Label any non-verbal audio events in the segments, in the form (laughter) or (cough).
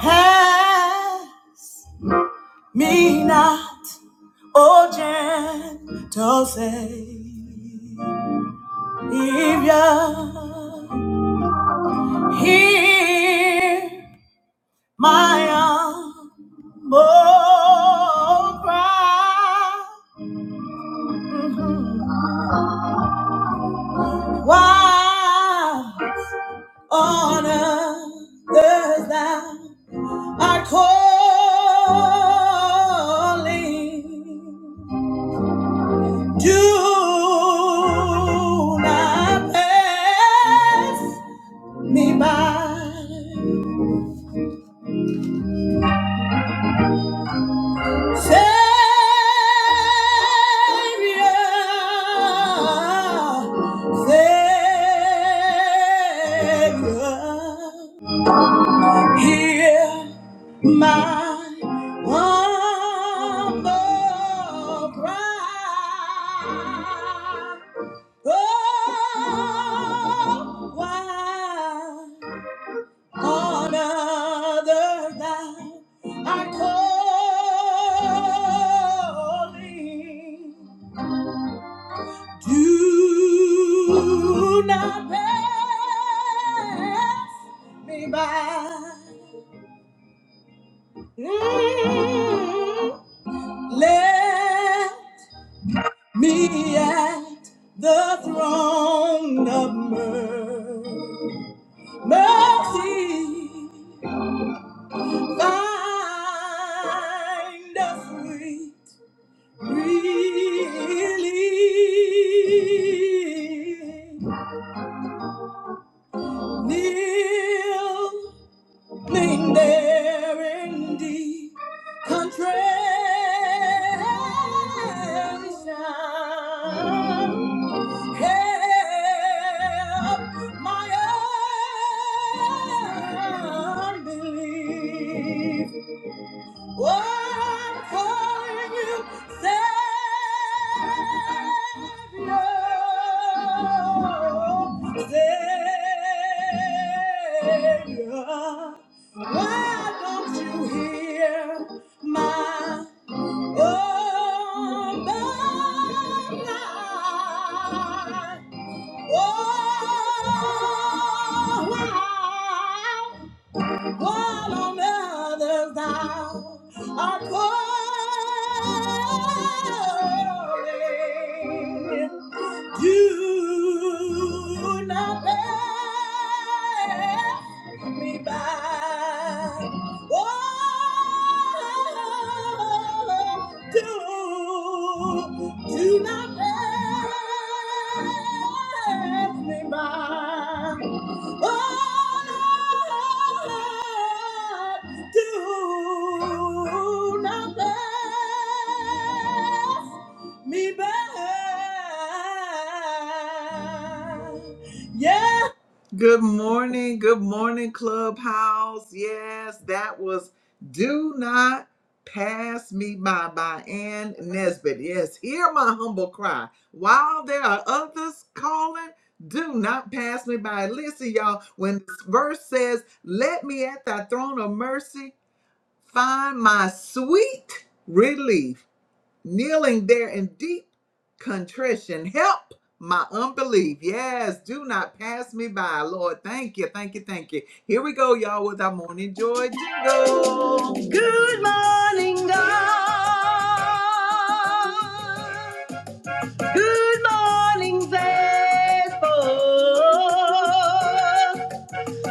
Have me not, O gentle Savior, hear my humble cry. Mhm. Why on earth thou art calling? Do not pass me by. Savior, Savior, hear my humble cry. Oh, why on other thou art calling? Do not pass me by. Mm. Let me at the throne of mercy. Mercy, find us sweet relief. Kneeling there in deep contrition. Help my unbelief. One for you, Savior, Savior. Why don't you hear my oh, my, oh, why? While on others thou art calling. Do not pass me by. Oh, do, do not pass me by. Oh, Lord, do not pass me by. Yeah. Good morning, good morning, Clubhouse. Yes, that was Do Not Pass Me By by Ann Nesbitt. Yes, hear my humble cry. While there are others calling, do not pass me by. Listen, y'all, when this verse says, Let me at thy throne of mercy find my sweet relief. Good morning, God. Good morning, Facebook.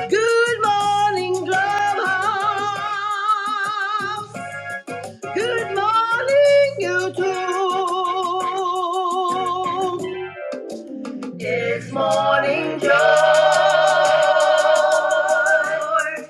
Good morning, Clubhouse. Good morning, YouTube. It's morning joy.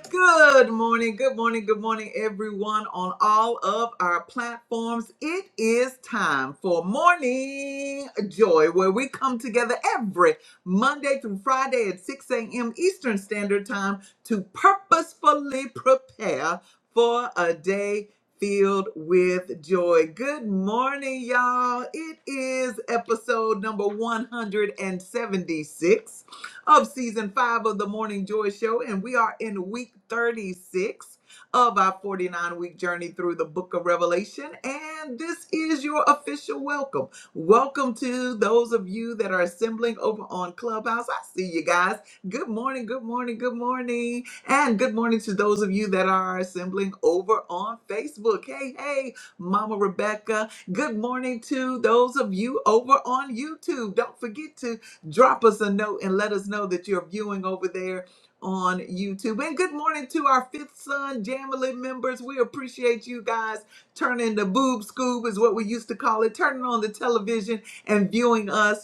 Good morning, good morning, good morning, everyone on all of our platforms. It is time for Morning Joy, where we come together every Monday through Friday at 6 a.m. Eastern Standard Time to purposefully prepare for a day filled with joy. Good morning, y'all. It is episode number 176 of season five of the Morning Joy Show, and we are in week 36 of our 49 week journey through the book of Revelation. And this is your official welcome. Welcome to those of you that are assembling over on Clubhouse. I see you guys. Good morning, good morning, good morning. And good morning to those of you that are assembling over on Facebook. Hey, hey, Mama Rebecca. Good morning to those of you over on YouTube. Don't forget to drop us a note and let us know that you're viewing over there on YouTube. And good morning to our Fifth Son Jamily members. We appreciate you guys turning the boob scoob is what we used to call it, turning on the television and viewing us.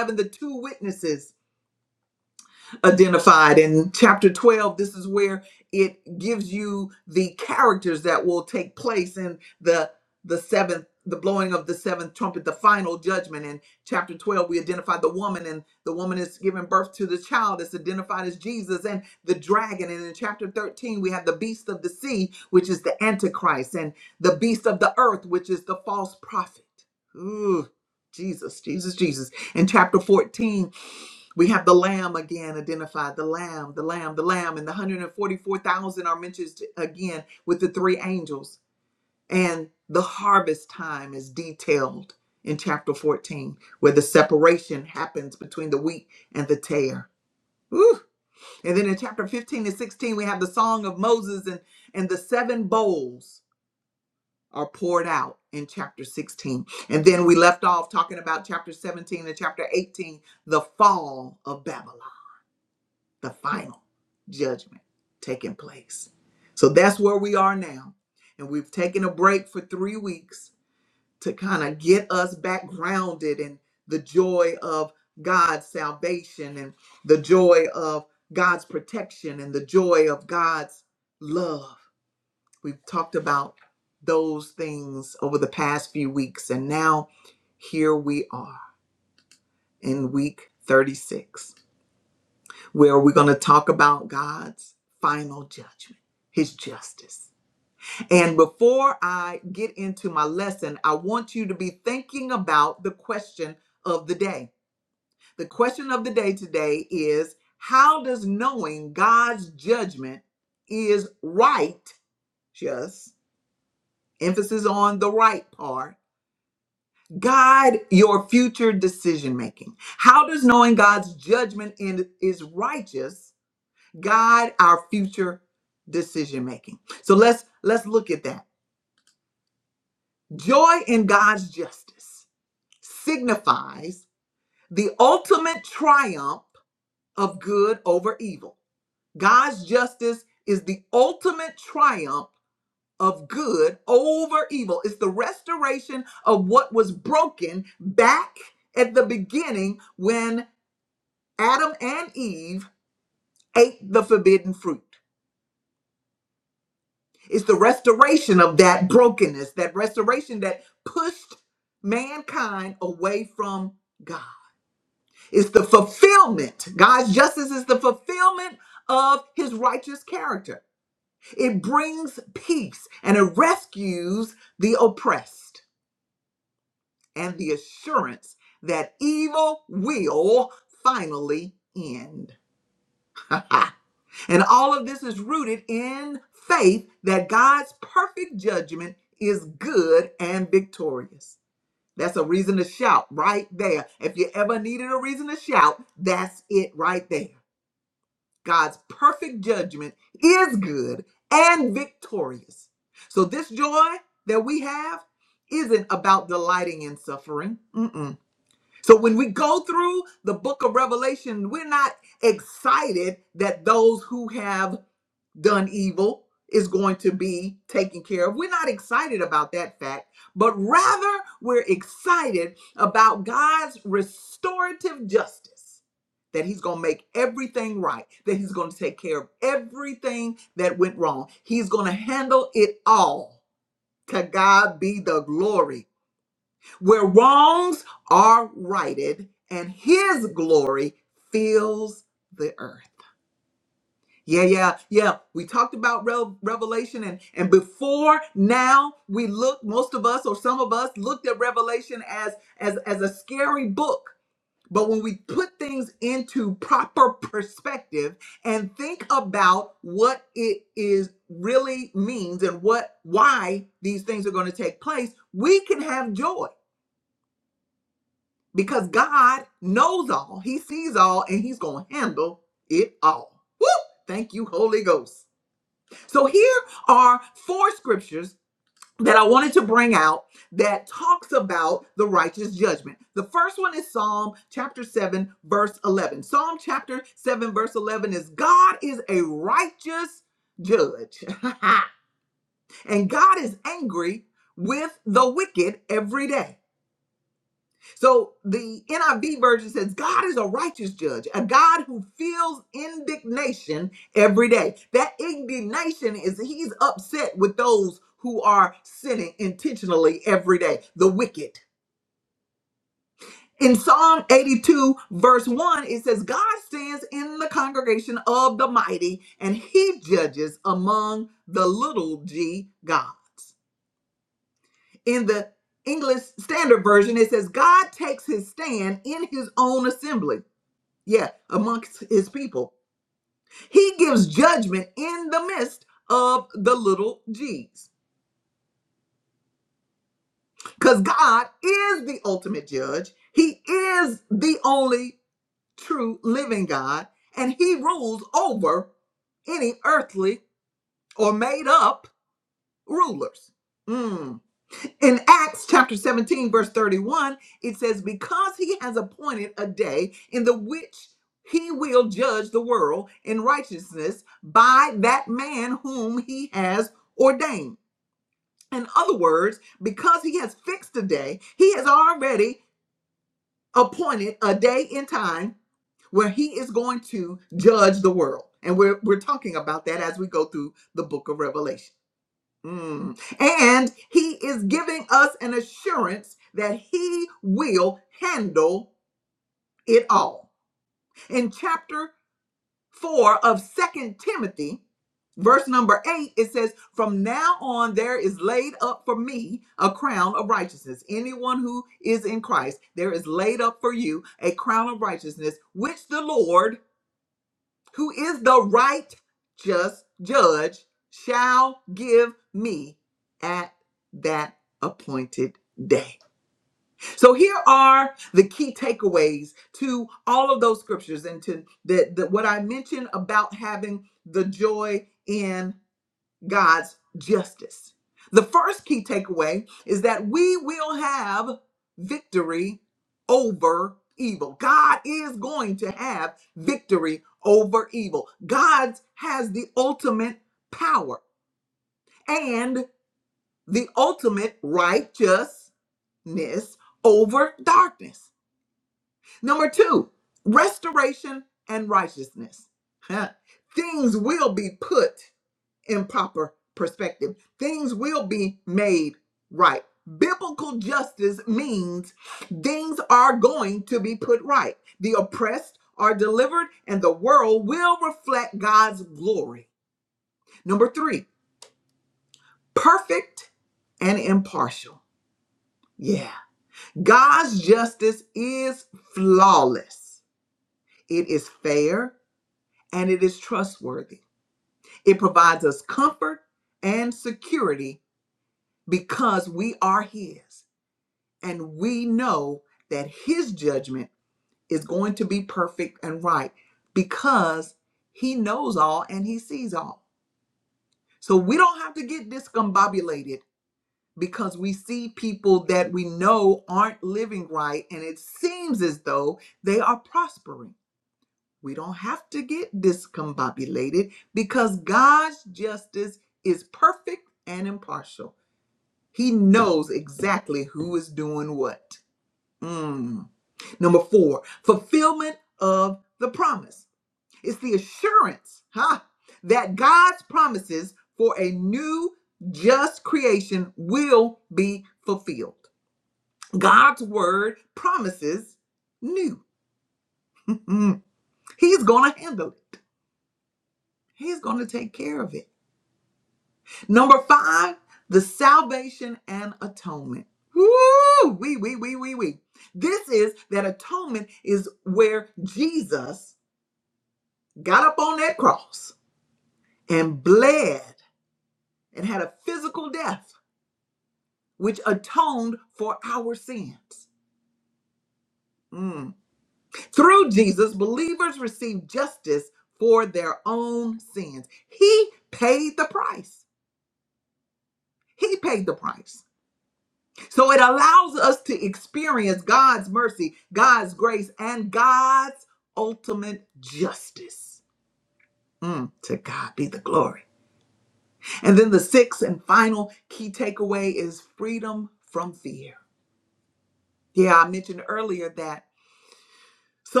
So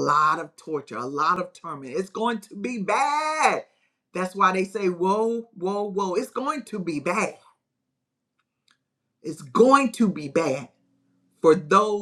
I want to be bad. They say, whoa, bad, bad. For those.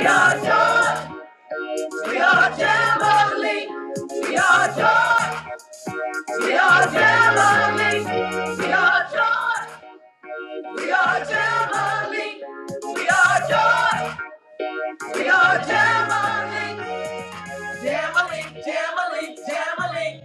No, no. We are Jamboree. We are joy. We are Jamboree. We are joy. We are Jamboree. We are joy. We are Jamboree. Jamboree. Jamboree. Jamboree.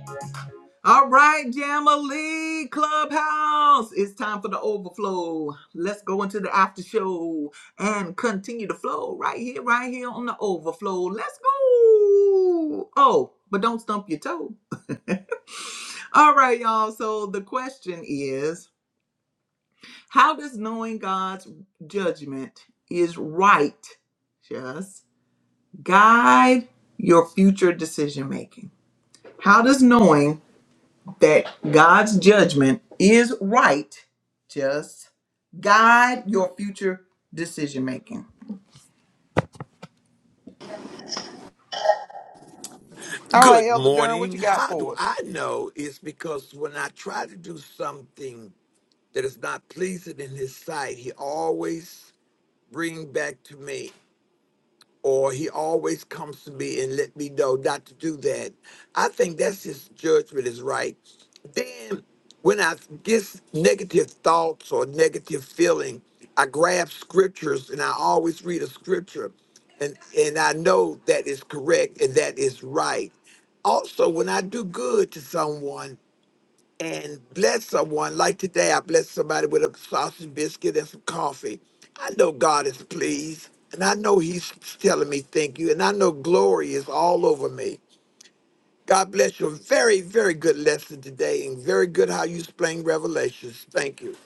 Good morning. How do I know? It's because when I try to do something that is not pleasing in his sight, he always bring back to me or he always comes to me and let me know not to do that. I think that's his judgment is right. Then when I get negative thoughts or negative feeling, I grab scriptures and I always read a scripture and, and I know that is correct and that is right. Also, when I do good to someone, and bless someone. Like today, I blessed somebody with a sausage biscuit and some coffee. I know God is pleased, and I know He's telling me thank you, and I know glory is all over me. God bless you. Very, very good lesson today, and very good how you explain Revelations. Thank you.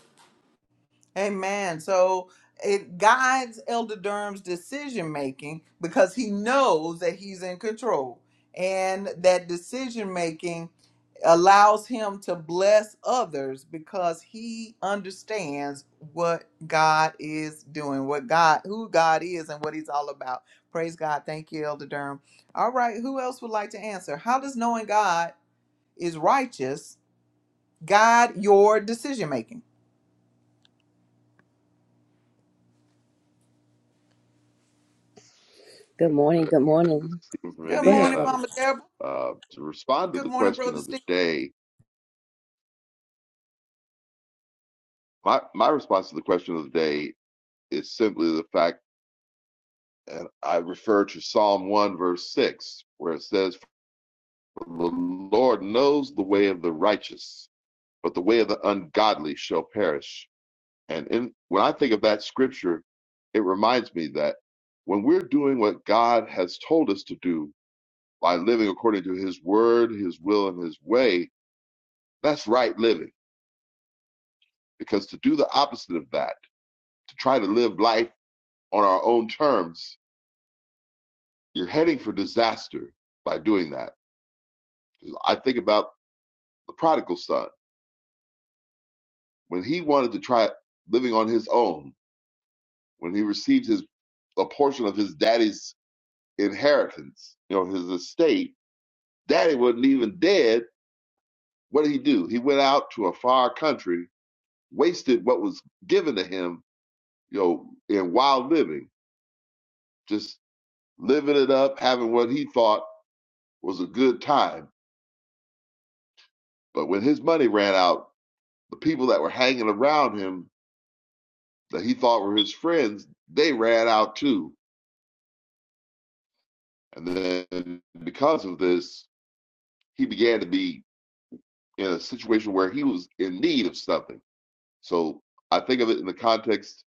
Good morning. Good This is morning. Stephen from Go ahead, Indiana. brother. Uh, to respond to the question of the day, my, my response to the question of the day is simply the fact and I refer to Psalm 1, verse 6, where it says, For the Lord knows the way of the righteous, but the way of the ungodly shall perish. And in, when I think of that scripture, it reminds me that when we're doing what God has told us to do by living according to his word, his will, and his way, that's right living Because to do the opposite of that, to try to live life on our own terms, you're heading for disaster by doing that. I think about the prodigal son. When he wanted to try living on his own, when he received his a portion of his daddy's inheritance, you know, his estate, daddy wasn't even dead. What did he do? He went out to a far country, wasted what was given to him, you know, in wild living, just living it up, having what he thought was a good time But when his money ran out, the people that were hanging around him that he thought were his friends, they ran out too. And then because of this, he began to be in a situation where he was in need of something. So I think of it in the context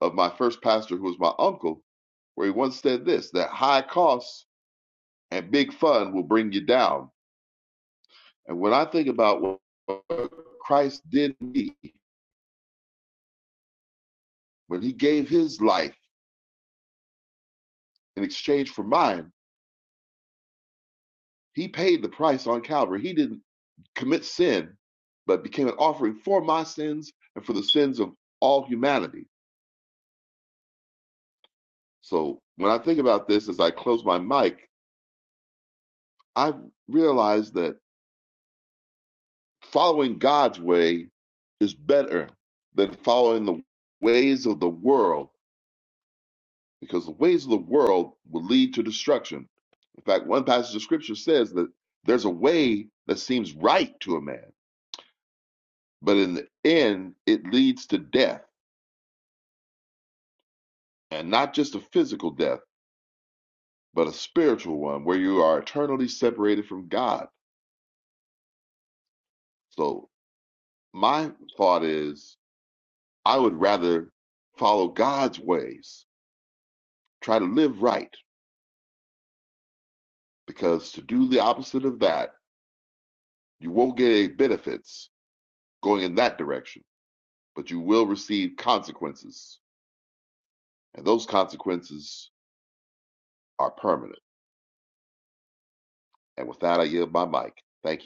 of my first pastor, who was my uncle, where he once said this that high costs and big fun will bring you down. And when I think about what Christ did to me, when he gave his life in exchange for mine, He paid the price on Calvary. He didn't commit sin, but became an offering for my sins and for the sins of all humanity. So when I think about this as I close my mic, I realize that following God's way is better than following the ways of the world, because the ways of the world will lead to destruction. In fact, one passage of scripture says that there's a way that seems right to a man, but in the end, it leads to death. and not just a physical death, but a spiritual one where you are eternally separated from God. So my thought is I would rather follow God's ways, try to live right, because to do the opposite of that, you won't get any benefits going in that direction, but you will receive consequences, and those consequences are permanent. And with that, I yield my mic. Thank you.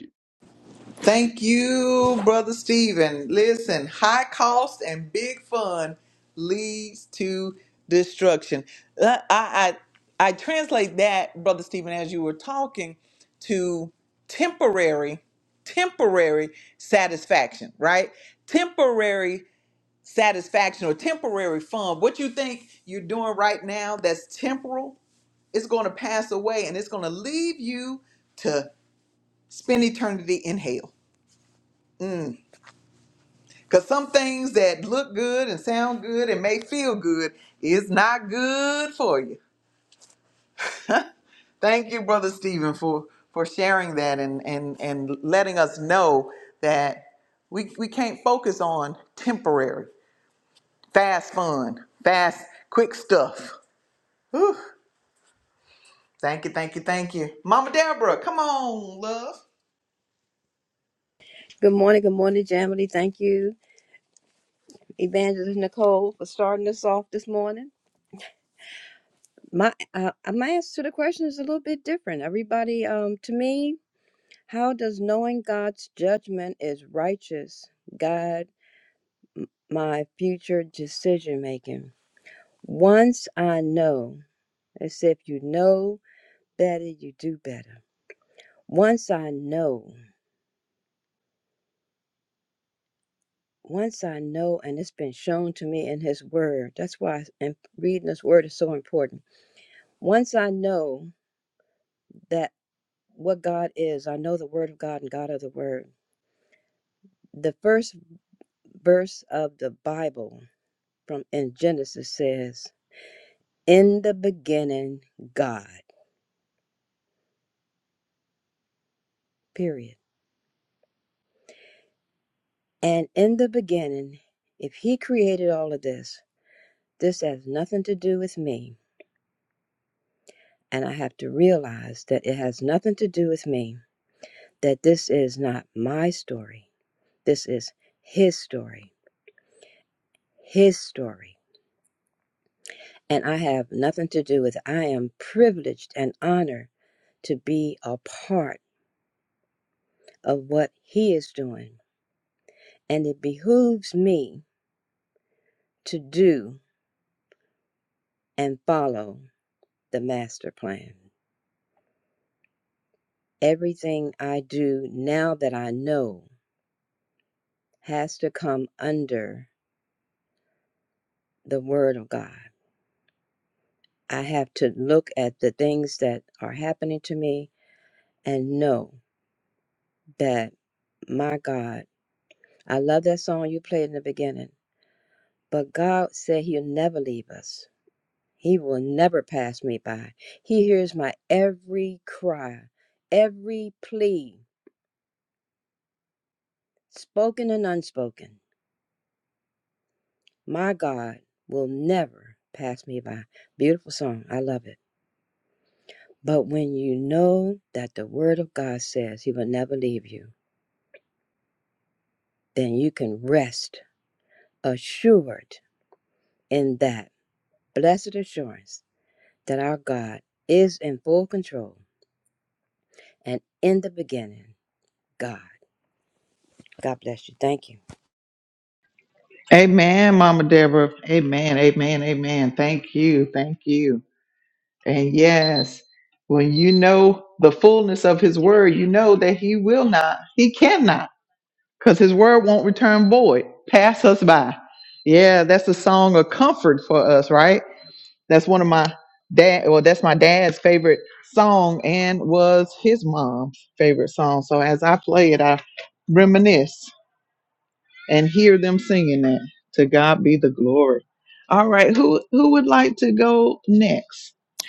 Good morning. Good morning, Jamily. Thank you, Evangelist Nicole, for starting us off this morning. My uh, my answer to the question is a little bit different. Everybody, um, to me, how does knowing God's judgment is righteous guide m- my future decision making? Once I know, it's if you know better, you do better. Once I know. once I know, and it's been shown to me in His Word, that's why and reading His Word is so important. Once I know that what God is, I know the Word of God and God of the Word. The first verse of the Bible from in Genesis says, "In the beginning, God." Period. And in the beginning, if He created all of this, this has nothing to do with me, and I have to realize that it has nothing to do with me that this is not my story. This is his story, his story. And I have nothing to do with it. I am privileged and honored to be a part of what he is doing. And it behooves me to do and follow the master plan. Everything I do now that I know has to come under the word of God. I have to look at the things that are happening to me and know that my God, I love that song you played in the beginning, but God said He'll never leave us. He will never pass me by. He hears my every cry, every plea, spoken and unspoken. My God will never pass me by. Beautiful song. I love it. But when you know that the Word of God says He will never leave you, then you can rest assured in that blessed assurance that our God is in full control and in the beginning, God. God bless you. Thank you.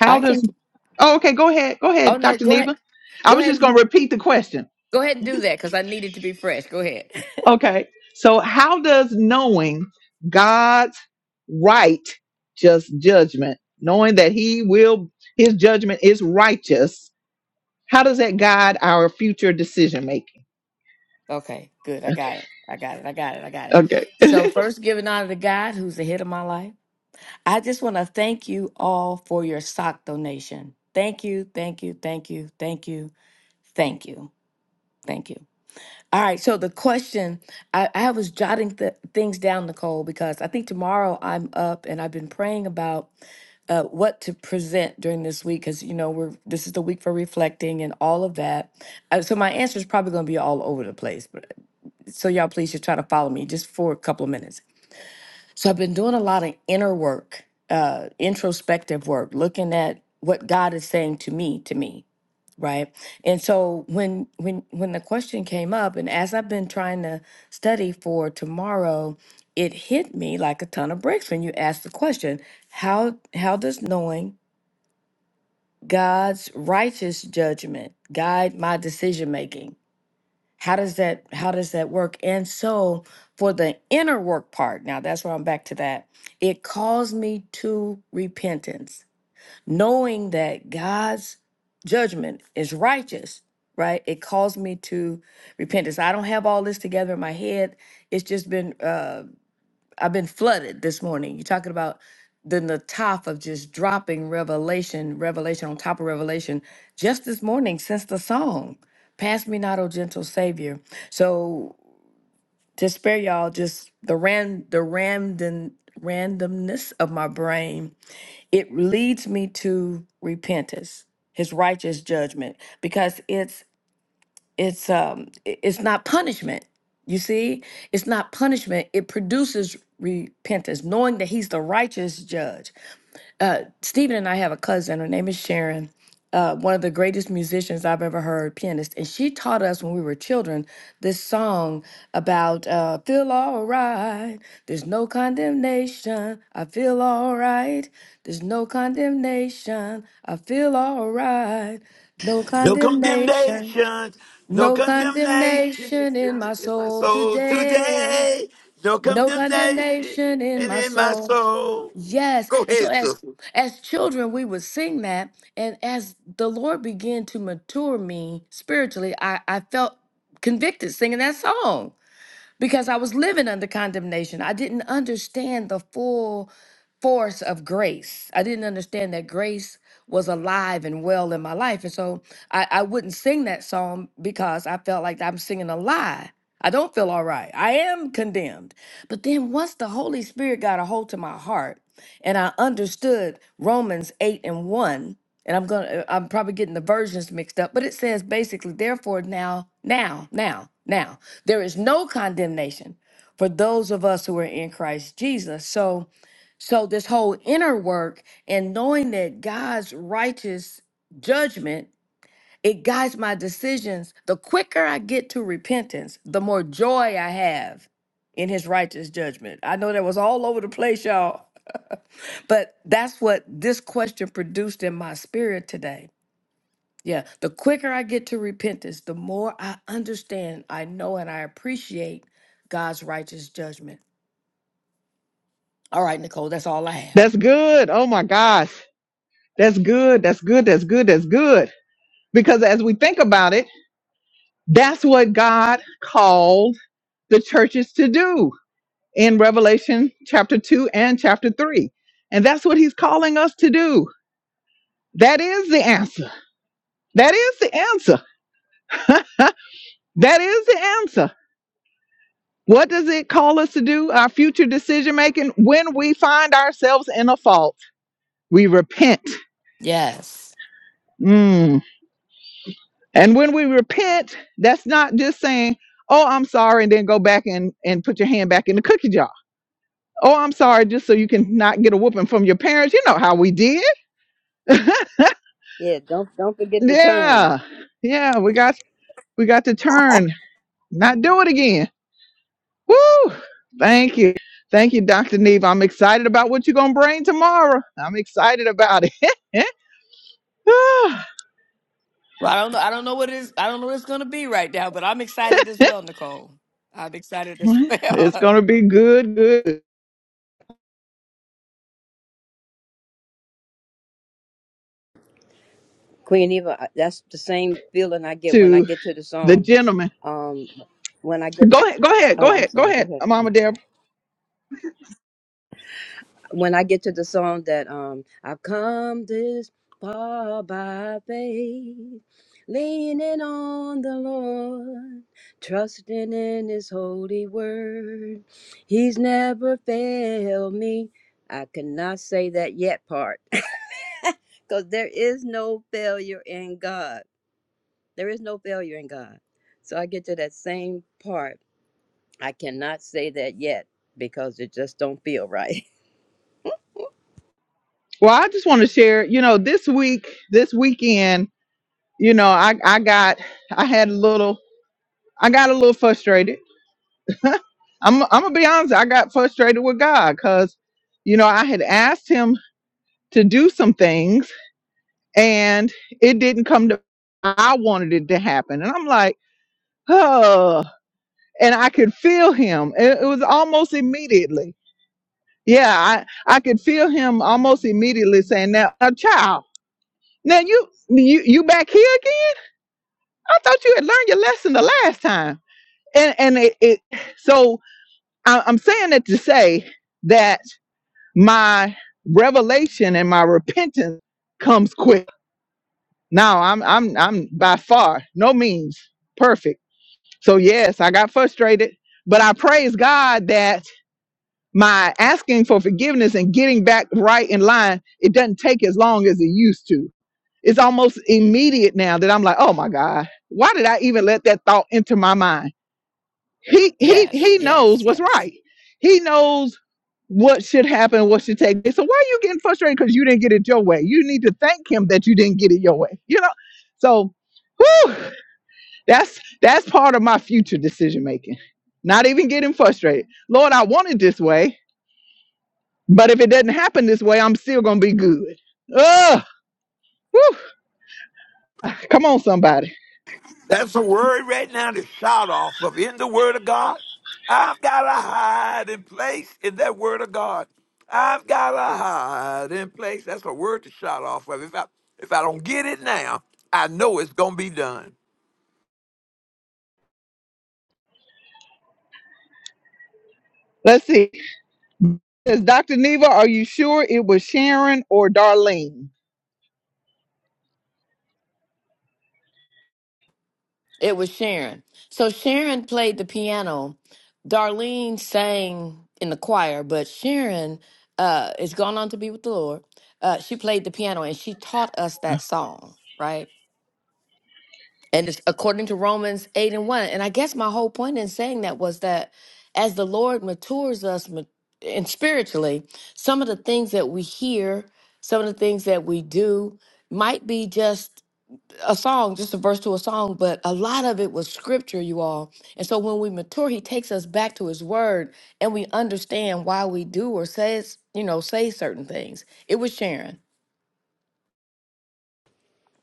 I can. Oh no, go ahead. Go ahead. Go ahead and do that because I need it to be fresh. Go ahead. (laughs) okay, good. I got it. I got it. I got it. I got it. So first, giving honor to God, who's the head of my life. I just want to thank you all for your sock donation. Thank you. Thank you. Thank you. Thank you. Thank you. Thank you. All right. So the question I, I was jotting th- things down, Nicole, because I think tomorrow I'm up and I've been praying about uh, what to present during this week because you know we're this is the week for reflecting and all of that. Uh, so my answer is probably going to be all over the place, but so y'all please just try to follow me just for a couple of minutes. So I've been doing a lot of inner work, uh, introspective work, looking at what God is saying to me, to me Right. And so when when when the question came up and as I've been trying to study for tomorrow, it hit me like a ton of bricks when you asked the question, how how does knowing God's righteous judgment guide my decision making? How does that how does that work? And so for the inner work part, now that's where I'm back to that. It calls me to repentance knowing that God's judgment is righteous, right? It caused me to repentance. I don't have all this together in my head. It's just been uh I've been flooded this morning. You're talking about the nataf of just dropping revelation, revelation on top of revelation just this morning since the song. Pass me not, O gentle Savior. So to spare y'all just the ran the random randomness of my brain it leads me to repentance his righteous judgment because it's it's um i- it's not punishment you see it's not punishment it produces repentance knowing that he's the righteous judge uh, Stephen and I have a cousin. Her name is Sharon, uh, one of the greatest musicians I've ever heard, pianist. And she taught us when we were children this song about uh, feel all right. There's no condemnation. I feel all right. There's no condemnation. I feel all right. No No condemnation. condemnation, no No condemnation condemnation in my in my soul soul today. today. No No condemnation condemnation in my in my soul. soul. Yes. Go And so ahead, sis. as as children we would sing that and as the Lord began to mature me spiritually, I I felt convicted singing that song because I was living under condemnation. I didn't understand the full force of grace. I didn't understand that grace was alive and well in my life. And so I, I wouldn't sing that song because I felt like I'm singing a lie. I don't feel all right. I am condemned. But then once the Holy Spirit got a hold to my heart and I understood Romans 8 and 1, and I'm going to I'm probably getting the versions mixed up, but it says basically therefore now now now now there is no condemnation for those of us who are in Christ Jesus. So so this whole inner work and knowing that God's righteous judgment it guides my decisions. The quicker I get to repentance, the more joy I have in his righteous judgment. I know that was all over the place, y'all. (laughs) but that's what this question produced in my spirit today yeah, the quicker I get to repentance, the more I understand, I know, and I appreciate God's righteous judgment. All right, Nicole, that's all I have. Yes. Yeah, don't don't forget to turn. Thank you. Eh, Well, I don't know. I don't know what it is. I don't know what it's going to be right now, but I'm excited as well, Nicole. I'm excited as (laughs) It's well. Queen Eva, I- that's the same feeling I get when I to get to the the song. gentleman. Um when I get Go ahead. Go ahead. Oh, Go I'm ahead. Go sorry. Go ahead, ahead. Mama Nicole. Deb. when I get to the song that um I've come this far by faith, leaning on the Lord, trusting in His holy word. He's never failed me. I cannot say that yet part, (laughs) because there is no failure in God. There is no failure in God. So I get to that same part. I cannot say that yet because it just don't feel right. Well, I just want to share. You know, this week, this weekend, you know, I I got I had a little I got a little frustrated (laughs) I'm I'm gonna be honest. I got frustrated with God because, you know, I had asked Him to do some things and it didn't come to. I wanted it to happen, and I'm like, oh, and I could feel Him. It, it was almost immediately. Yeah, I I could feel Him almost immediately saying, "Now, a child, now you you you back here again? I thought you had learned your lesson the last time." And and it, it so I, I'm saying that to say that my revelation and my repentance comes quick. Now I'm I'm I'm by far no means perfect. So yes, I got frustrated, but I praise God that my asking for forgiveness and getting back right in line, it doesn't take as long as it used to. It's almost immediate now that I'm like, oh my God, why did I even let that thought enter my mind? he he yes, he yes, knows what's yes. right. He knows what should happen, what should take. place. So why are you getting frustrated because you didn't get it your way? You need to thank him that you didn't get it your way. You know. So, whew, that's that's part of my future decision making. Not even getting frustrated. Lord, I want it this way, but if it doesn't happen this way, I'm still gonna be good. Ugh. Whew. Come on, somebody. That's a word right now to shout off of in the Word of God. I've got a hiding place in that Word of God. I've got a hiding place. That's a word to shout off of. If I if I don't get it now, I know it's gonna be done. Let's see. Says Dr. Neva, are you sure it was Sharon or Darlene? It was Sharon. So Sharon played the piano. Darlene sang in the choir, but Sharon uh, is gone on to be with the Lord. Uh, she played the piano and she taught us that song, right? And it's according to Romans 8 and 1. And I guess my whole point in saying that was that as the Lord matures us ma- and spiritually, some of the things that we hear, some of the things that we do might be just a song, just a verse to a song, but a lot of it was scripture, you all. And so when we mature, he takes us back to his word and we understand why we do or says, you know, say certain things. It was Sharon.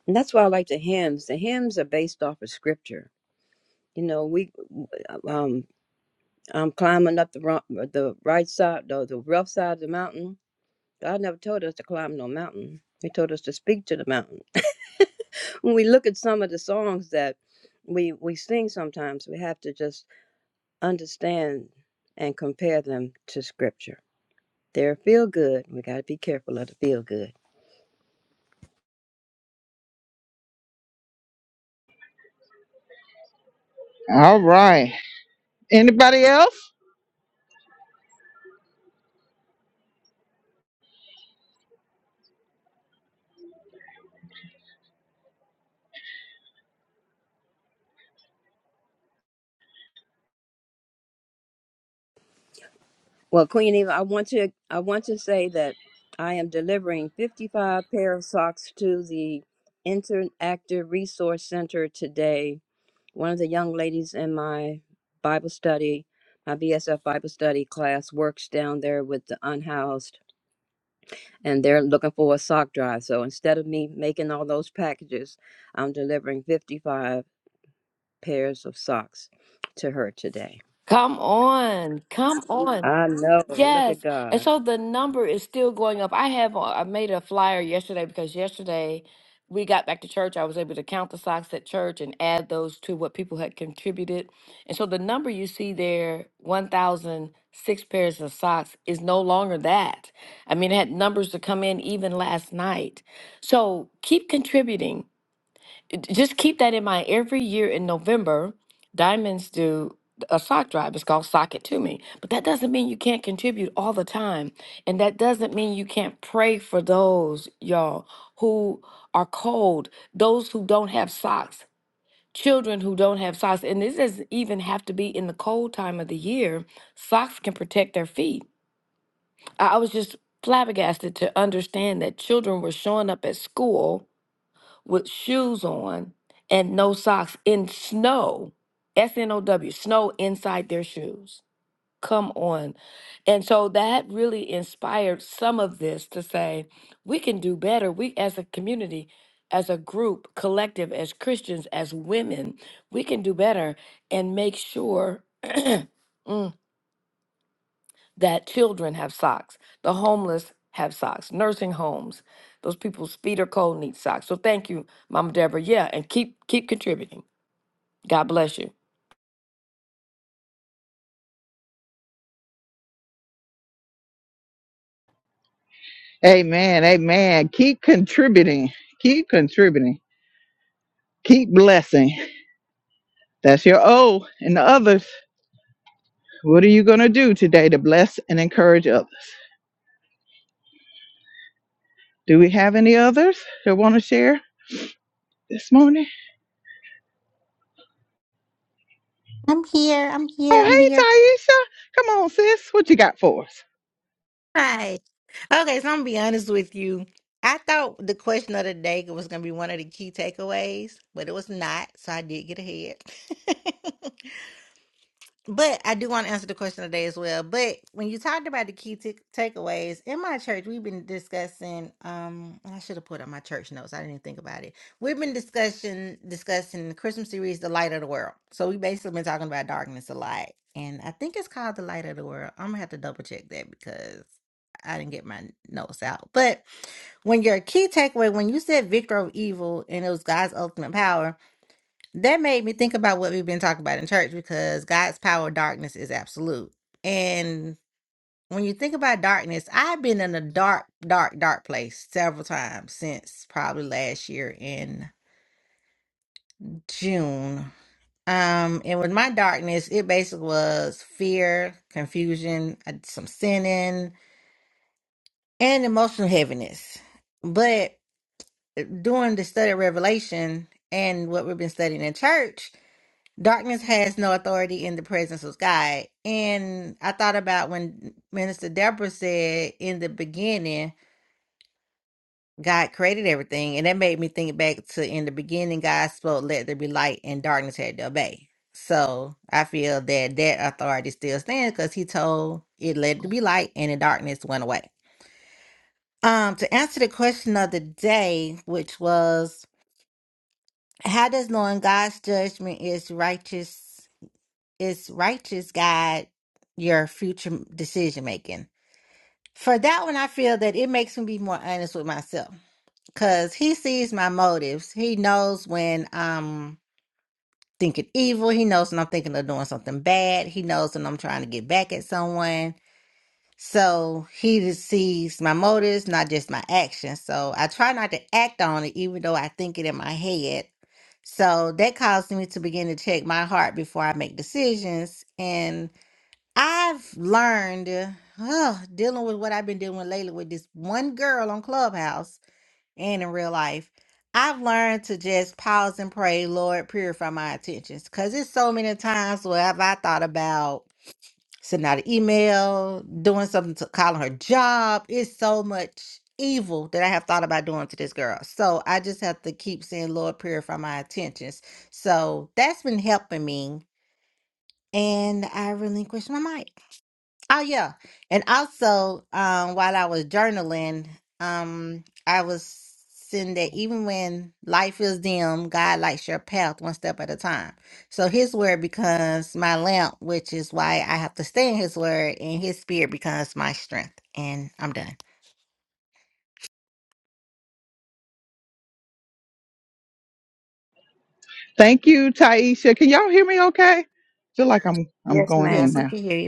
And that's why I like the hymns. The hymns are based off of scripture. You know, we um I'm climbing up the ro- the right side, the, the rough side of the mountain. God never told us to climb no mountain. He told us to speak to the mountain. When we look at some of the songs that we we sing sometimes, we have to just understand and compare them to scripture. They're feel good. We got to be careful of the feel good. All right. Anybody else? Well, Queen Eva, I want to I want to say that I am delivering 55 pair of socks to the Interactive Resource Center today. One of the young ladies in my Bible study, my BSF Bible study class works down there with the unhoused and they're looking for a sock drive. So instead of me making all those packages, I'm delivering 55 pairs of socks to her today. Come on. Come on. I know. Look Yes. at And God. so the number is still going up. I have, a- I made a flyer yesterday because yesterday we got back to church. I was able to count the socks at church and add those to what people had contributed. And so the number you see there, 1,006 pairs of socks, is no longer that. I mean, it had numbers to come in even last night. So keep contributing just keep that in mind. Every year in November, Diamonds do a sock drive. It's called Sock It To Me. But that doesn't mean you can't contribute all the time. And that doesn't mean you can't pray for those, y'all, who are cold, those who don't have socks, children who don't have socks. And this doesn't even have to be in the cold time of the year. Socks can protect their feet. I I was just flabbergasted to understand that children were showing up at school with shoes on and no socks in snow, S N O W, snow inside their shoes. Come on. And so that really inspired some of this to say, we can do better. We, as a community, as a group, collective, as Christians, as women, we can do better and make sure. (clears throat) mm, that children have socks, the homeless have socks, nursing homes, those people's feet are cold need socks. So thank you, Mama Deborah. Yeah, and keep keep contributing. God bless you. Amen. Amen. Keep contributing. Keep contributing. Keep blessing. That's your O. And the others, what are you going to do today to bless and encourage others? Do we have any others that want to share this morning? I'm here. I'm here. I'm Oh, hey, here. Taisha. Come on, sis. What you got for us? Hi. Okay, so I'm gonna be honest with you. I thought the question of the day was gonna be one of the key takeaways, but it was not. So I did get ahead. (laughs) But I do want to answer the question today as well. But when you talked about the key t- takeaways in my church, we've been discussing. Um, I should have put up my church notes. I didn't even think about it. We've been discussing discussing the Christmas series, "The Light of the World." So we basically been talking about darkness a lot, and I think it's called "The Light of the World." I'm gonna have to double check that because I didn't get my notes out. But when your key takeaway, when you said "Victor of Evil" and it was God's ultimate power, that made me think about what we've been talking about in church because God's power of darkness is absolute. And when you think about darkness, I've been in a dark, dark, dark place several times since probably last year in June. Um, and with my darkness, it basically was fear, confusion, uh, some sinning, and emotional heaviness. But during the study of Revelation and what we've been studying in church, Darkness has no authority in the presence of God. And I thought about when Minister Deborah said, in the beginning, God created everything. And that made me think back to in the beginning, God spoke, let there be light, and darkness had to obey. So I feel that that authority still stands because he told it, let there be light, and the darkness went away. Um, to answer the question of the day, which was, how does knowing God's judgment is righteous? is righteous guide your future decision making. For that one, I feel that it makes me be more honest with myself because he sees my motives. He knows when I'm thinking evil. He knows when I'm thinking of doing something bad. He knows when I'm trying to get back at someone. So he just sees my motives, not just my actions. So I try not to act on it, even though I think it in my head. So that caused me to begin to check my heart before I make decisions. And I've learned, oh, dealing with what I've been dealing with lately with this one girl on Clubhouse and in real life. I've learned to just pause and pray, Lord, purify my intentions. Cause it's so many times where have I thought about sending out an email, doing something to calling her job. It's so much evil that I have thought about doing to this girl. So I just have to keep saying, Lord, purify my intentions. So that's been helping me. And I relinquish my mic. Oh yeah. And also, um, while I was journaling, um, I was seeing that even when life is dim, God lights your path one step at a time. So his word becomes my lamp, which is why I have to stay in his word, and his spirit becomes my strength. And I'm done. Thank you, Taisha. Can y'all hear me okay? Feel like I'm I'm Yes, going in ma'am. Yes, we now. can hear you.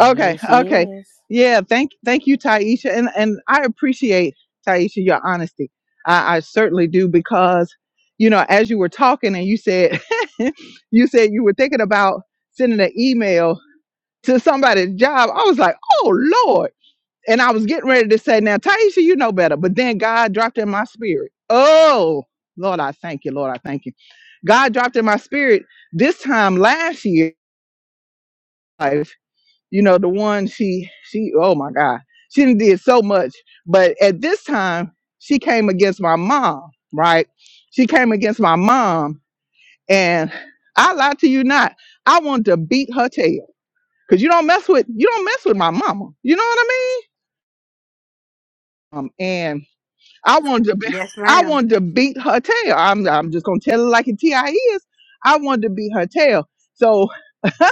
Okay, okay. yes. Yeah, thank thank you, Taisha. And and I appreciate Taisha your honesty. I, I certainly do because you know, as you were talking and you said (laughs) you said you were thinking about sending an email to somebody's job, I was like, oh Lord. And I was getting ready to say, now, Taisha, you know better. But then God dropped in my spirit. Oh, Lord, I thank you. Lord, I thank you. God dropped in my spirit this time last year. Life, you know, the one she she oh my God, she done did so much. But at this time, she came against my mom, right? She came against my mom, and I lie to you not. I wanted to beat her tail because you don't mess with you don't mess with my mama. You know what I mean? Um, and I wanted to be, Yes, I ma'am. wanted to beat her tail. I'm I'm just gonna tell it like it ti is. I wanted to beat her tail. So (laughs)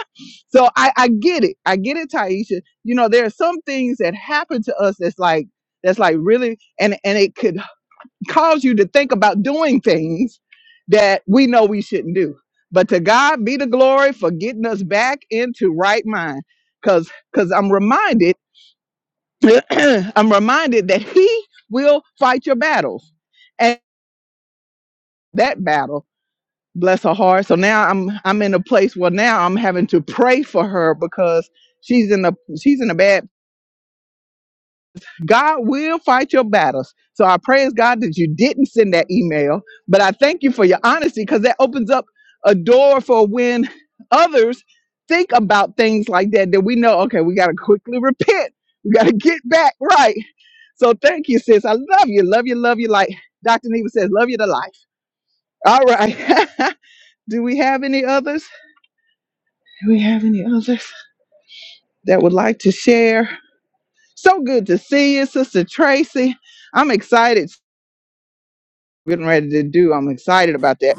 so I I get it. I get it, Taisha. You know there are some things that happen to us that's like that's like really and and it could cause you to think about doing things that we know we shouldn't do. But to God be the glory for getting us back into right mind. Cause cause I'm reminded (clears throat) I'm reminded that He will fight your battles that battle bless her heart so now i'm i'm in a place where now i'm having to pray for her because she's in a she's in a bad god will fight your battles so i praise god that you didn't send that email but i thank you for your honesty because that opens up a door for when others think about things like that that we know okay we got to quickly repent we got to get back right so thank you sis i love you love you love you like dr neva says love you to life all right (laughs) Do we have any others? Do we have any others that would like to share? So good to see you, Sister Tracy. I'm excited. Getting ready to do. I'm excited about that.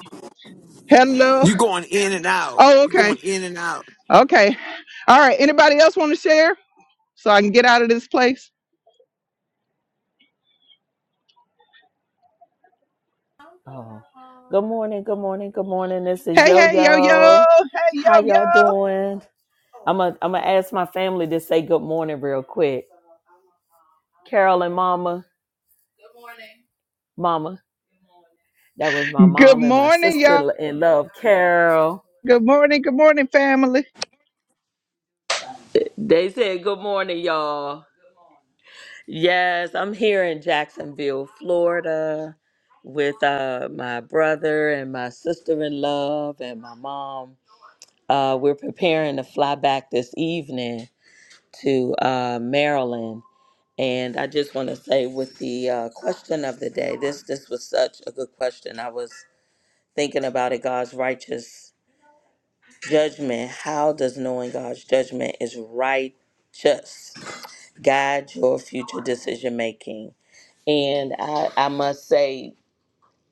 Hello. You're going in and out. Oh, You're okay. going in and out. Okay. All right. Anybody else want to share so I can get out of this place? Oh, good morning, good morning, good morning. This is Hey, Yo hey, yo, yo. Yo. Hey, yo, How y'all yo. doing? I'm gonna I'm gonna ask my family to say good morning real quick. Carol and Mama, Mama. That was my Good mom and my morning, y'all. sister in love, Carol. Good morning. Good morning, family. They said good morning, y'all. Yes, I'm here in Jacksonville, Florida, with uh, my brother and my sister in love and my mom. Uh, we're preparing to fly back this evening to uh, Maryland. And I just want to say, with the uh, question of the day, this this was such a good question. I was thinking about it. God's righteous judgment. How does knowing God's judgment is righteous guide your future decision making? And I, I must say,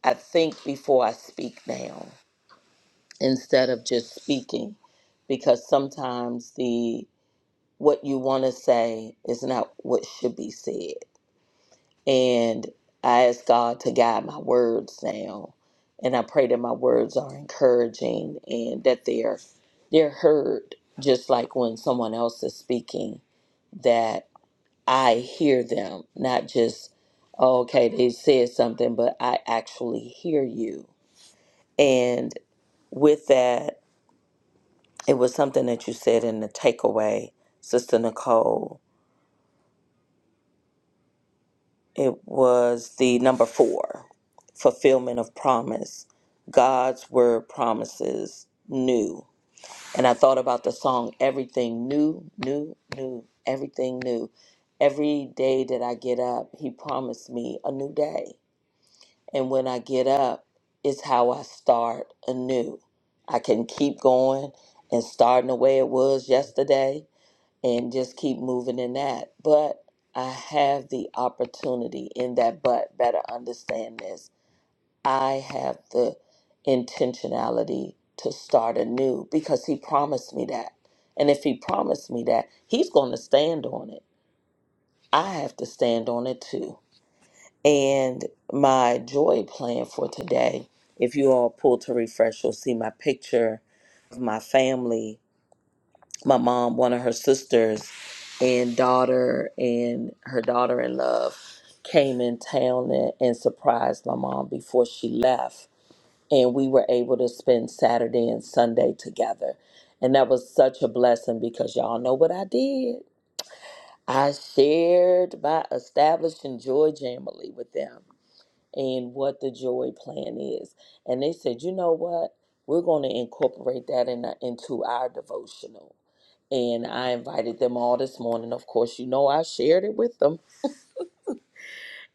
I think before I speak now instead of just speaking, because sometimes the what you want to say is not what should be said And I ask God to guide my words now. And I pray that my words are encouraging and that they're they're heard just like when someone else is speaking, that I hear them, not just "Oh, okay, they said something, but I actually hear you. And with that, it was something that you said in the takeaway, Sister Nicole, It was the number four fulfillment of promise. God's word promises new. And I thought about the song, Everything New, New, New, Everything New. Every day that I get up, He promised me a new day. And when I get up, it's how I start anew. I can keep going and starting the way it was yesterday and just keep moving in that. But I have the opportunity in that, but better understand this. I have the intentionality to start anew because he promised me that. And if he promised me that, he's going to stand on it. I have to stand on it too. And my joy plan for today, if you all pull to refresh, you'll see my picture of my family my mom, one of her sisters, and daughter and her daughter in love came in town and, and surprised my mom before she left. And we were able to spend Saturday and Sunday together. And that was such a blessing because y'all know what I did. I shared my establishing joy jamily with them and what the joy plan is. And they said, you know what? We're going to incorporate that in, uh, into our devotional. And I invited them all this morning. Of course, you know, I shared it with them.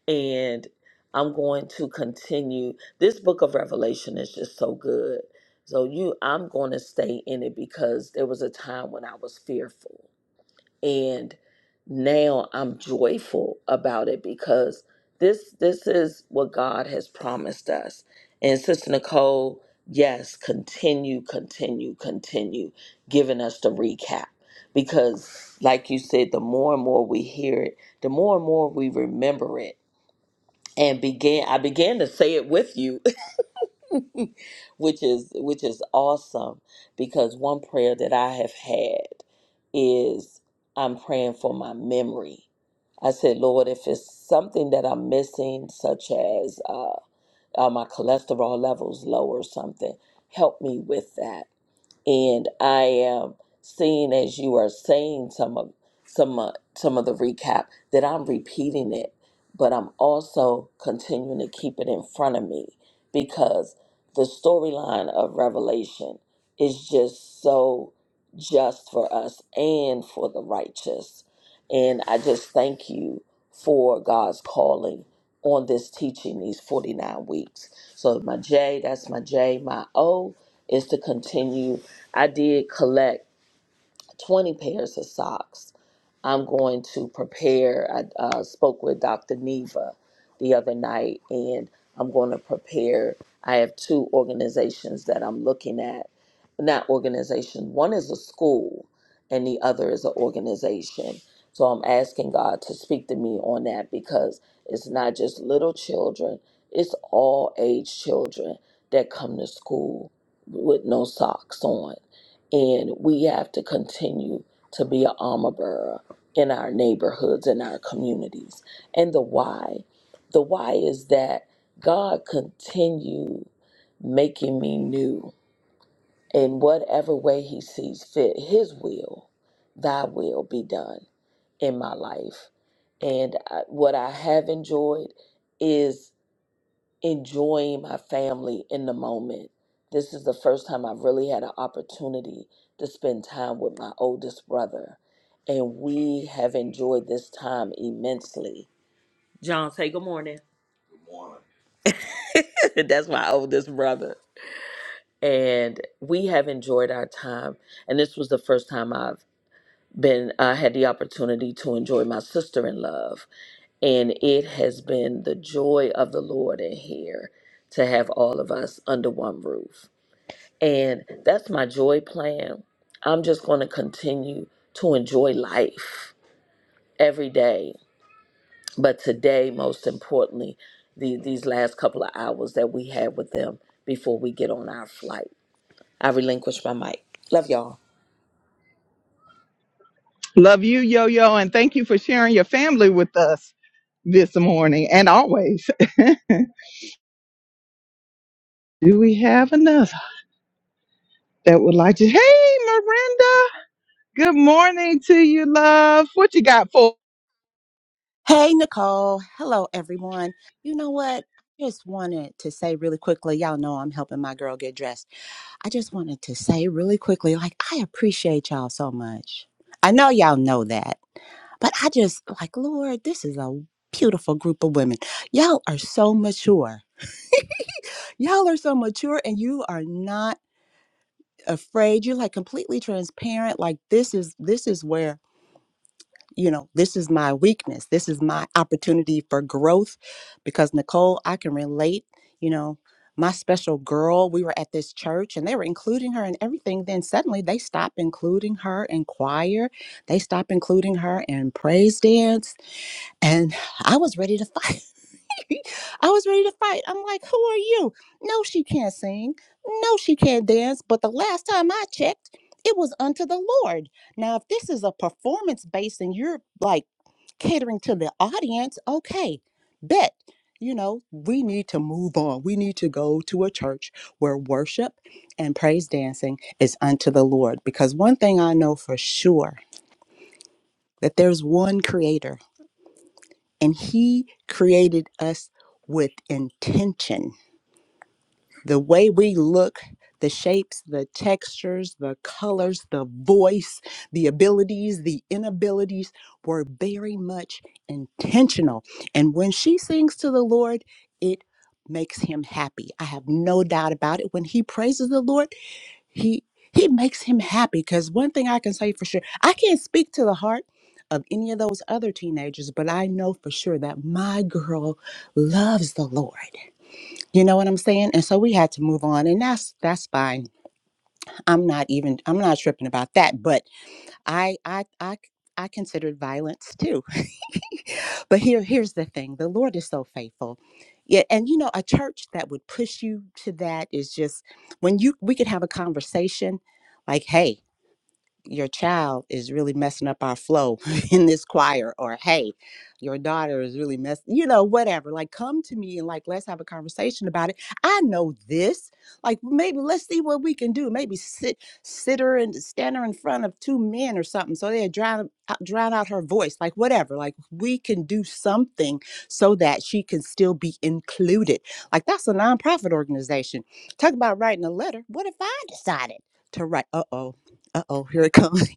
And I'm going to continue. This book of Revelation is just so good. So you I'm going to stay in it because there was a time when I was fearful and now I'm joyful about it because this this is what God has promised us. And Sister Nicole, yes, continue, continue, continue giving us the recap because, like you said, the more and more we hear it, the more and more we remember it. And began I began to say it with you (laughs) which is which is awesome because one prayer that I have had is I'm praying for my memory. I said, Lord, if it's something that I'm missing, such as uh, uh, my cholesterol levels low or something, help me with that and I am seeing as you are saying some of some uh, some of the recap that I'm repeating it, but I'm also continuing to keep it in front of me because the storyline of Revelation is just so just for us and for the righteous, and I just thank you for God's calling on this teaching these 49 weeks. So my J, that's my J, my O is to continue I did collect 20 pairs of socks. I'm going to prepare. I uh, spoke with Dr. Neva the other night, and I'm going to prepare. I have two organizations that I'm looking at. Not organization. One is a school, and the other is an organization. So I'm asking God to speak to me on that because it's not just little children; it's all age children that come to school with no socks on and we have to continue to be an armor bearer in our neighborhoods in our communities and the why the why is that god continue making me new in whatever way he sees fit his will thy will be done in my life and I, what i have enjoyed is enjoying my family in the moment. This is the first time I've really had an opportunity to spend time with my oldest brother. And we have enjoyed this time immensely. John, say good morning. (laughs) That's my oldest brother. And we have enjoyed our time. And this was the first time I've been, I had the opportunity to enjoy my sister in love. And it has been the joy of the Lord in here to have all of us under one roof And that's my joy plan. I'm just going to continue to enjoy life every day. But today, most importantly, the, these last couple of hours that we had with them before we get on our flight, I relinquish my mic. Love y'all. Love you, Yo Yo, and thank you for sharing your family with us this morning and always. (laughs) Do we have another that would like to? Hey, Miranda, good morning to you, love. What you got for? Hey, Nicole. Hello, everyone. You know what? I just wanted to say really quickly, y'all know I'm helping my girl get dressed. I just wanted to say really quickly, like, I appreciate y'all so much. I know y'all know that, but I just, like, Lord, this is a beautiful group of women. Y'all are so mature. (laughs) Y'all are so mature and you are not afraid. You're like completely transparent. Like, this is, this is where you know, this is my weakness. This is my opportunity for growth because Nicole, I can relate, you know, my special girl, we were at this church and they were including her in everything. Then suddenly they stop including her in choir. They stop including her in praise dance. And I was ready to fight. (laughs) I was ready to fight. I'm like, who are you? No, she can't sing. No, she can't dance. But the last time I checked, it was unto the Lord. Now, if this is a performance based and you're like, catering to the audience, okay, bet. You know, we need to move on. We need to go to a church where worship and praise dancing is unto the Lord. Because one thing I know for sure that there's one creator and he created us with intention the way we look, the shapes, the textures, the colors, the voice, the abilities, the inabilities were very much intentional. And when she sings to the Lord, it makes him happy. I have no doubt about it. When he praises the Lord, he he makes him happy because one thing I can say for sure, I can't speak to the heart of any of those other teenagers, but I know for sure that my girl loves the Lord. You know what I'm saying? And so we had to move on and that's that's fine. I'm not even I'm not tripping about that, but I I I I considered violence too. (laughs) but here here's the thing. The Lord is so faithful. Yeah, and you know a church that would push you to that is just when you we could have a conversation like, "Hey, your child is really messing up our flow (laughs) in this choir or hey your daughter is really mess you know whatever like come to me and like let's have a conversation about it i know this like maybe let's see what we can do maybe sit sit her and stand her in front of two men or something so they drown out- drown out her voice like whatever like we can do something so that she can still be included like that's a nonprofit organization talk about writing a letter what if i decided to write uh-oh uh-oh, here it comes.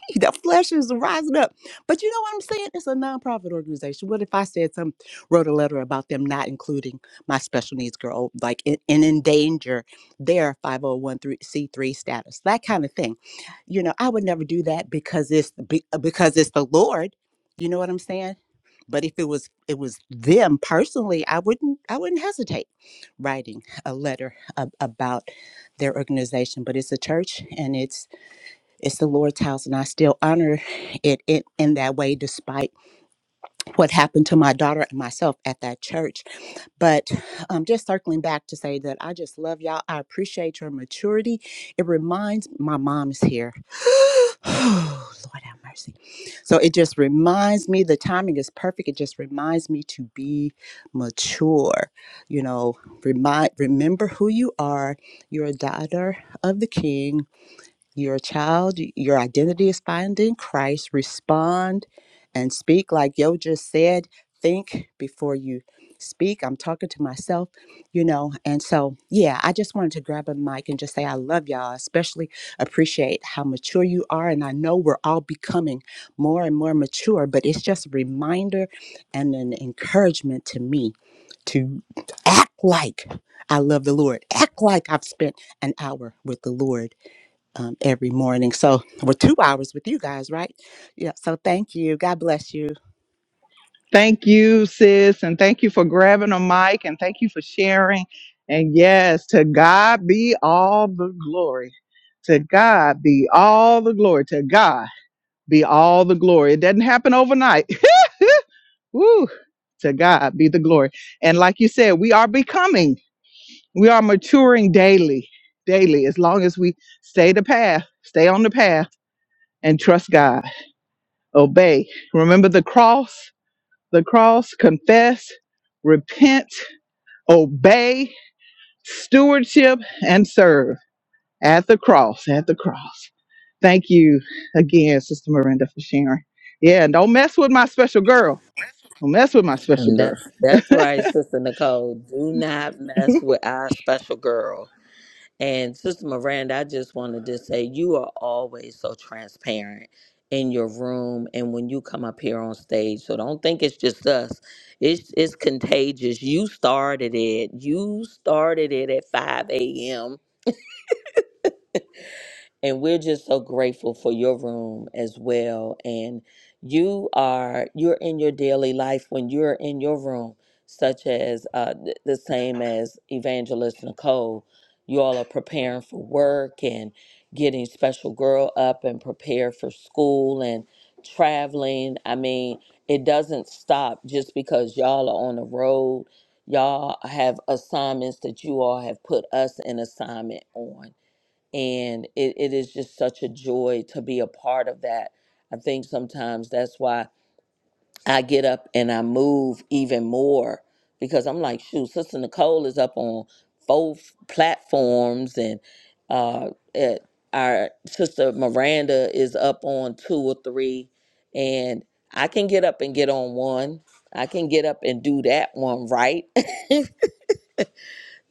(laughs) the flesh is rising up. But you know what I'm saying? It's a nonprofit organization. What if I said some wrote a letter about them not including my special needs girl, like in, in endanger their 501c3 status, that kind of thing. You know, I would never do that because it's be- because it's the Lord. You know what I'm saying? But if it was it was them personally, I wouldn't I wouldn't hesitate writing a letter ab- about their organization. But it's a church and it's it's the Lord's house, and I still honor it in, in that way, despite what happened to my daughter and myself at that church. But um, just circling back to say that I just love y'all. I appreciate your maturity. It reminds my mom is here. (sighs) Oh, Lord have mercy. So it just reminds me the timing is perfect. It just reminds me to be mature. You know, remind remember who you are. You're a daughter of the King you're a child, your identity is found in Christ. Respond and speak, like Yo just said. Think before you speak. I'm talking to myself, you know. And so, yeah, I just wanted to grab a mic and just say I love y'all, especially appreciate how mature you are. And I know we're all becoming more and more mature, but it's just a reminder and an encouragement to me to act like I love the Lord, act like I've spent an hour with the Lord um, every morning. So we're two hours with you guys, right? Yeah. So thank you. God bless you. Thank you, sis, and thank you for grabbing a mic and thank you for sharing. And yes, to God be all the glory. To God be all the glory. To God be all the glory. It doesn't happen overnight. (laughs) Woo! To God be the glory. And like you said, we are becoming, we are maturing daily, daily, as long as we stay the path, stay on the path, and trust God. Obey. Remember the cross, the cross, confess, repent obey, stewardship, and serve at the cross, at the cross. Thank you again, Sister Miranda, for sharing. Yeah, and don't mess with my special girl. Don't mess with my special And girl. that's, that's right, Sister Nicole. Do not (laughs) mess with our special girl. And Sister Miranda, I just wanted to say you are always so transparent in your room and when you come up here on stage. So don't think it's just us. It's it's contagious. You started it. You started it at 5 a.m and we're just so grateful for your room as well and you are you're in your daily life when you're in your room such as uh, th- the same as evangelist nicole you all are preparing for work and getting special girl up and prepared for school and traveling i mean it doesn't stop just because y'all are on the road y'all have assignments that you all have put us in assignment on and it, it is just such a joy to be a part of that. I think sometimes that's why I get up and I move even more because I'm like, shoot, Sister Nicole is up on both platforms, and uh, at our sister Miranda is up on two or three, and I can get up and get on one. I can get up and do that one right, (laughs)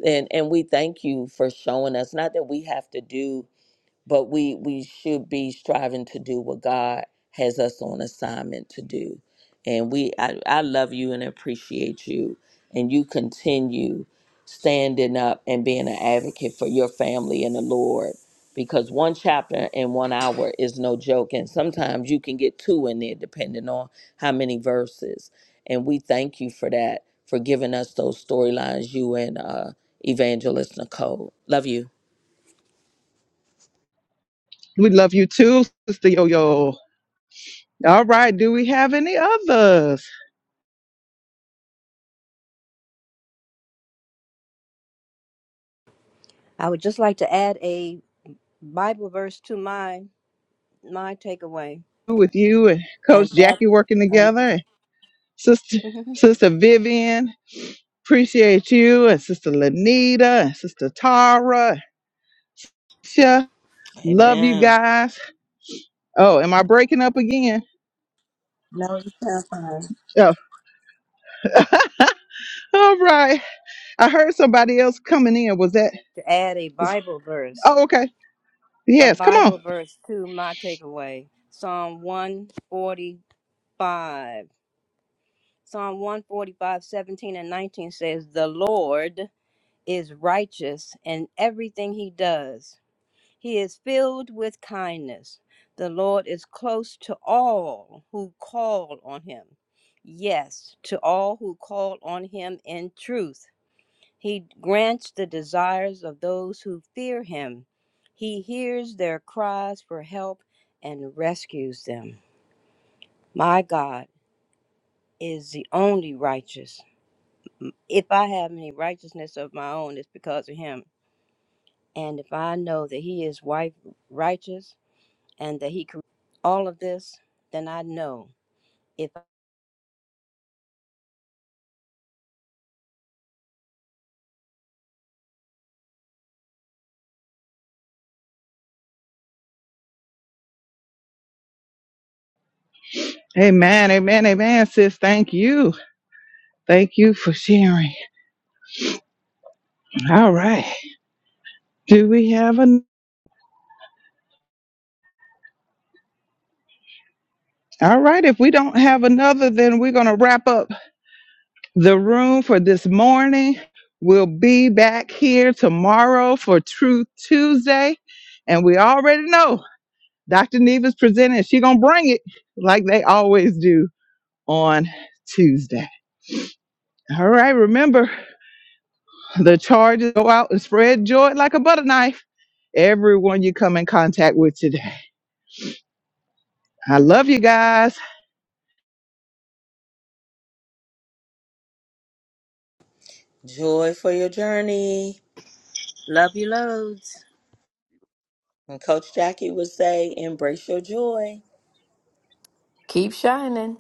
and and we thank you for showing us. Not that we have to do but we we should be striving to do what God has us on assignment to do. And we I, I love you and appreciate you and you continue standing up and being an advocate for your family and the Lord because one chapter in one hour is no joke and sometimes you can get two in there depending on how many verses. And we thank you for that for giving us those storylines you and uh evangelist Nicole. Love you. We love you too, Sister Yo Yo. All right. Do we have any others? I would just like to add a Bible verse to my my takeaway, With you and and Coach that Jackie working um, together, and Sister (laughs) no, Sister Vivian, appreciate you, and Sister Lanita, and Sister Tara. Sha, love you Amen. guys. Oh, am I breaking up again? you sound fine. Oh, (laughs) all right. I heard somebody else coming in. Was that? To add a Bible verse, Oh, okay. a Yes, come Bible on. verse to my takeaway, Psalm one forty five. Psalm one forty five seventeen and 19 says, The Lord is righteous in everything he does. He is filled with kindness. The Lord is close to all who call on him. Yes, to all who call on him in truth. He grants the desires of those who fear him. He hears their cries for help and rescues them. My God is the only righteous. If I have any righteousness of my own, it's because of him. And if I know that he is wi- righteous, and that He created all of this, then I know if I Amen, amen, amen, sis. Thank you. Thank you for sharing. All right. Do we have another? All right, if we don't have another, then we're going to wrap up the room for this morning. We'll be back here tomorrow for Truth Tuesday. And we already know Dr. Neva's presenting. She's going to bring it like they always do on Tuesday. All right, remember the charges go out and spread joy like a butter knife. Everyone you come in contact with today. I love you guys. Joy for your journey. Love you loads. And Coach Jackie would say, embrace your joy. Keep shining.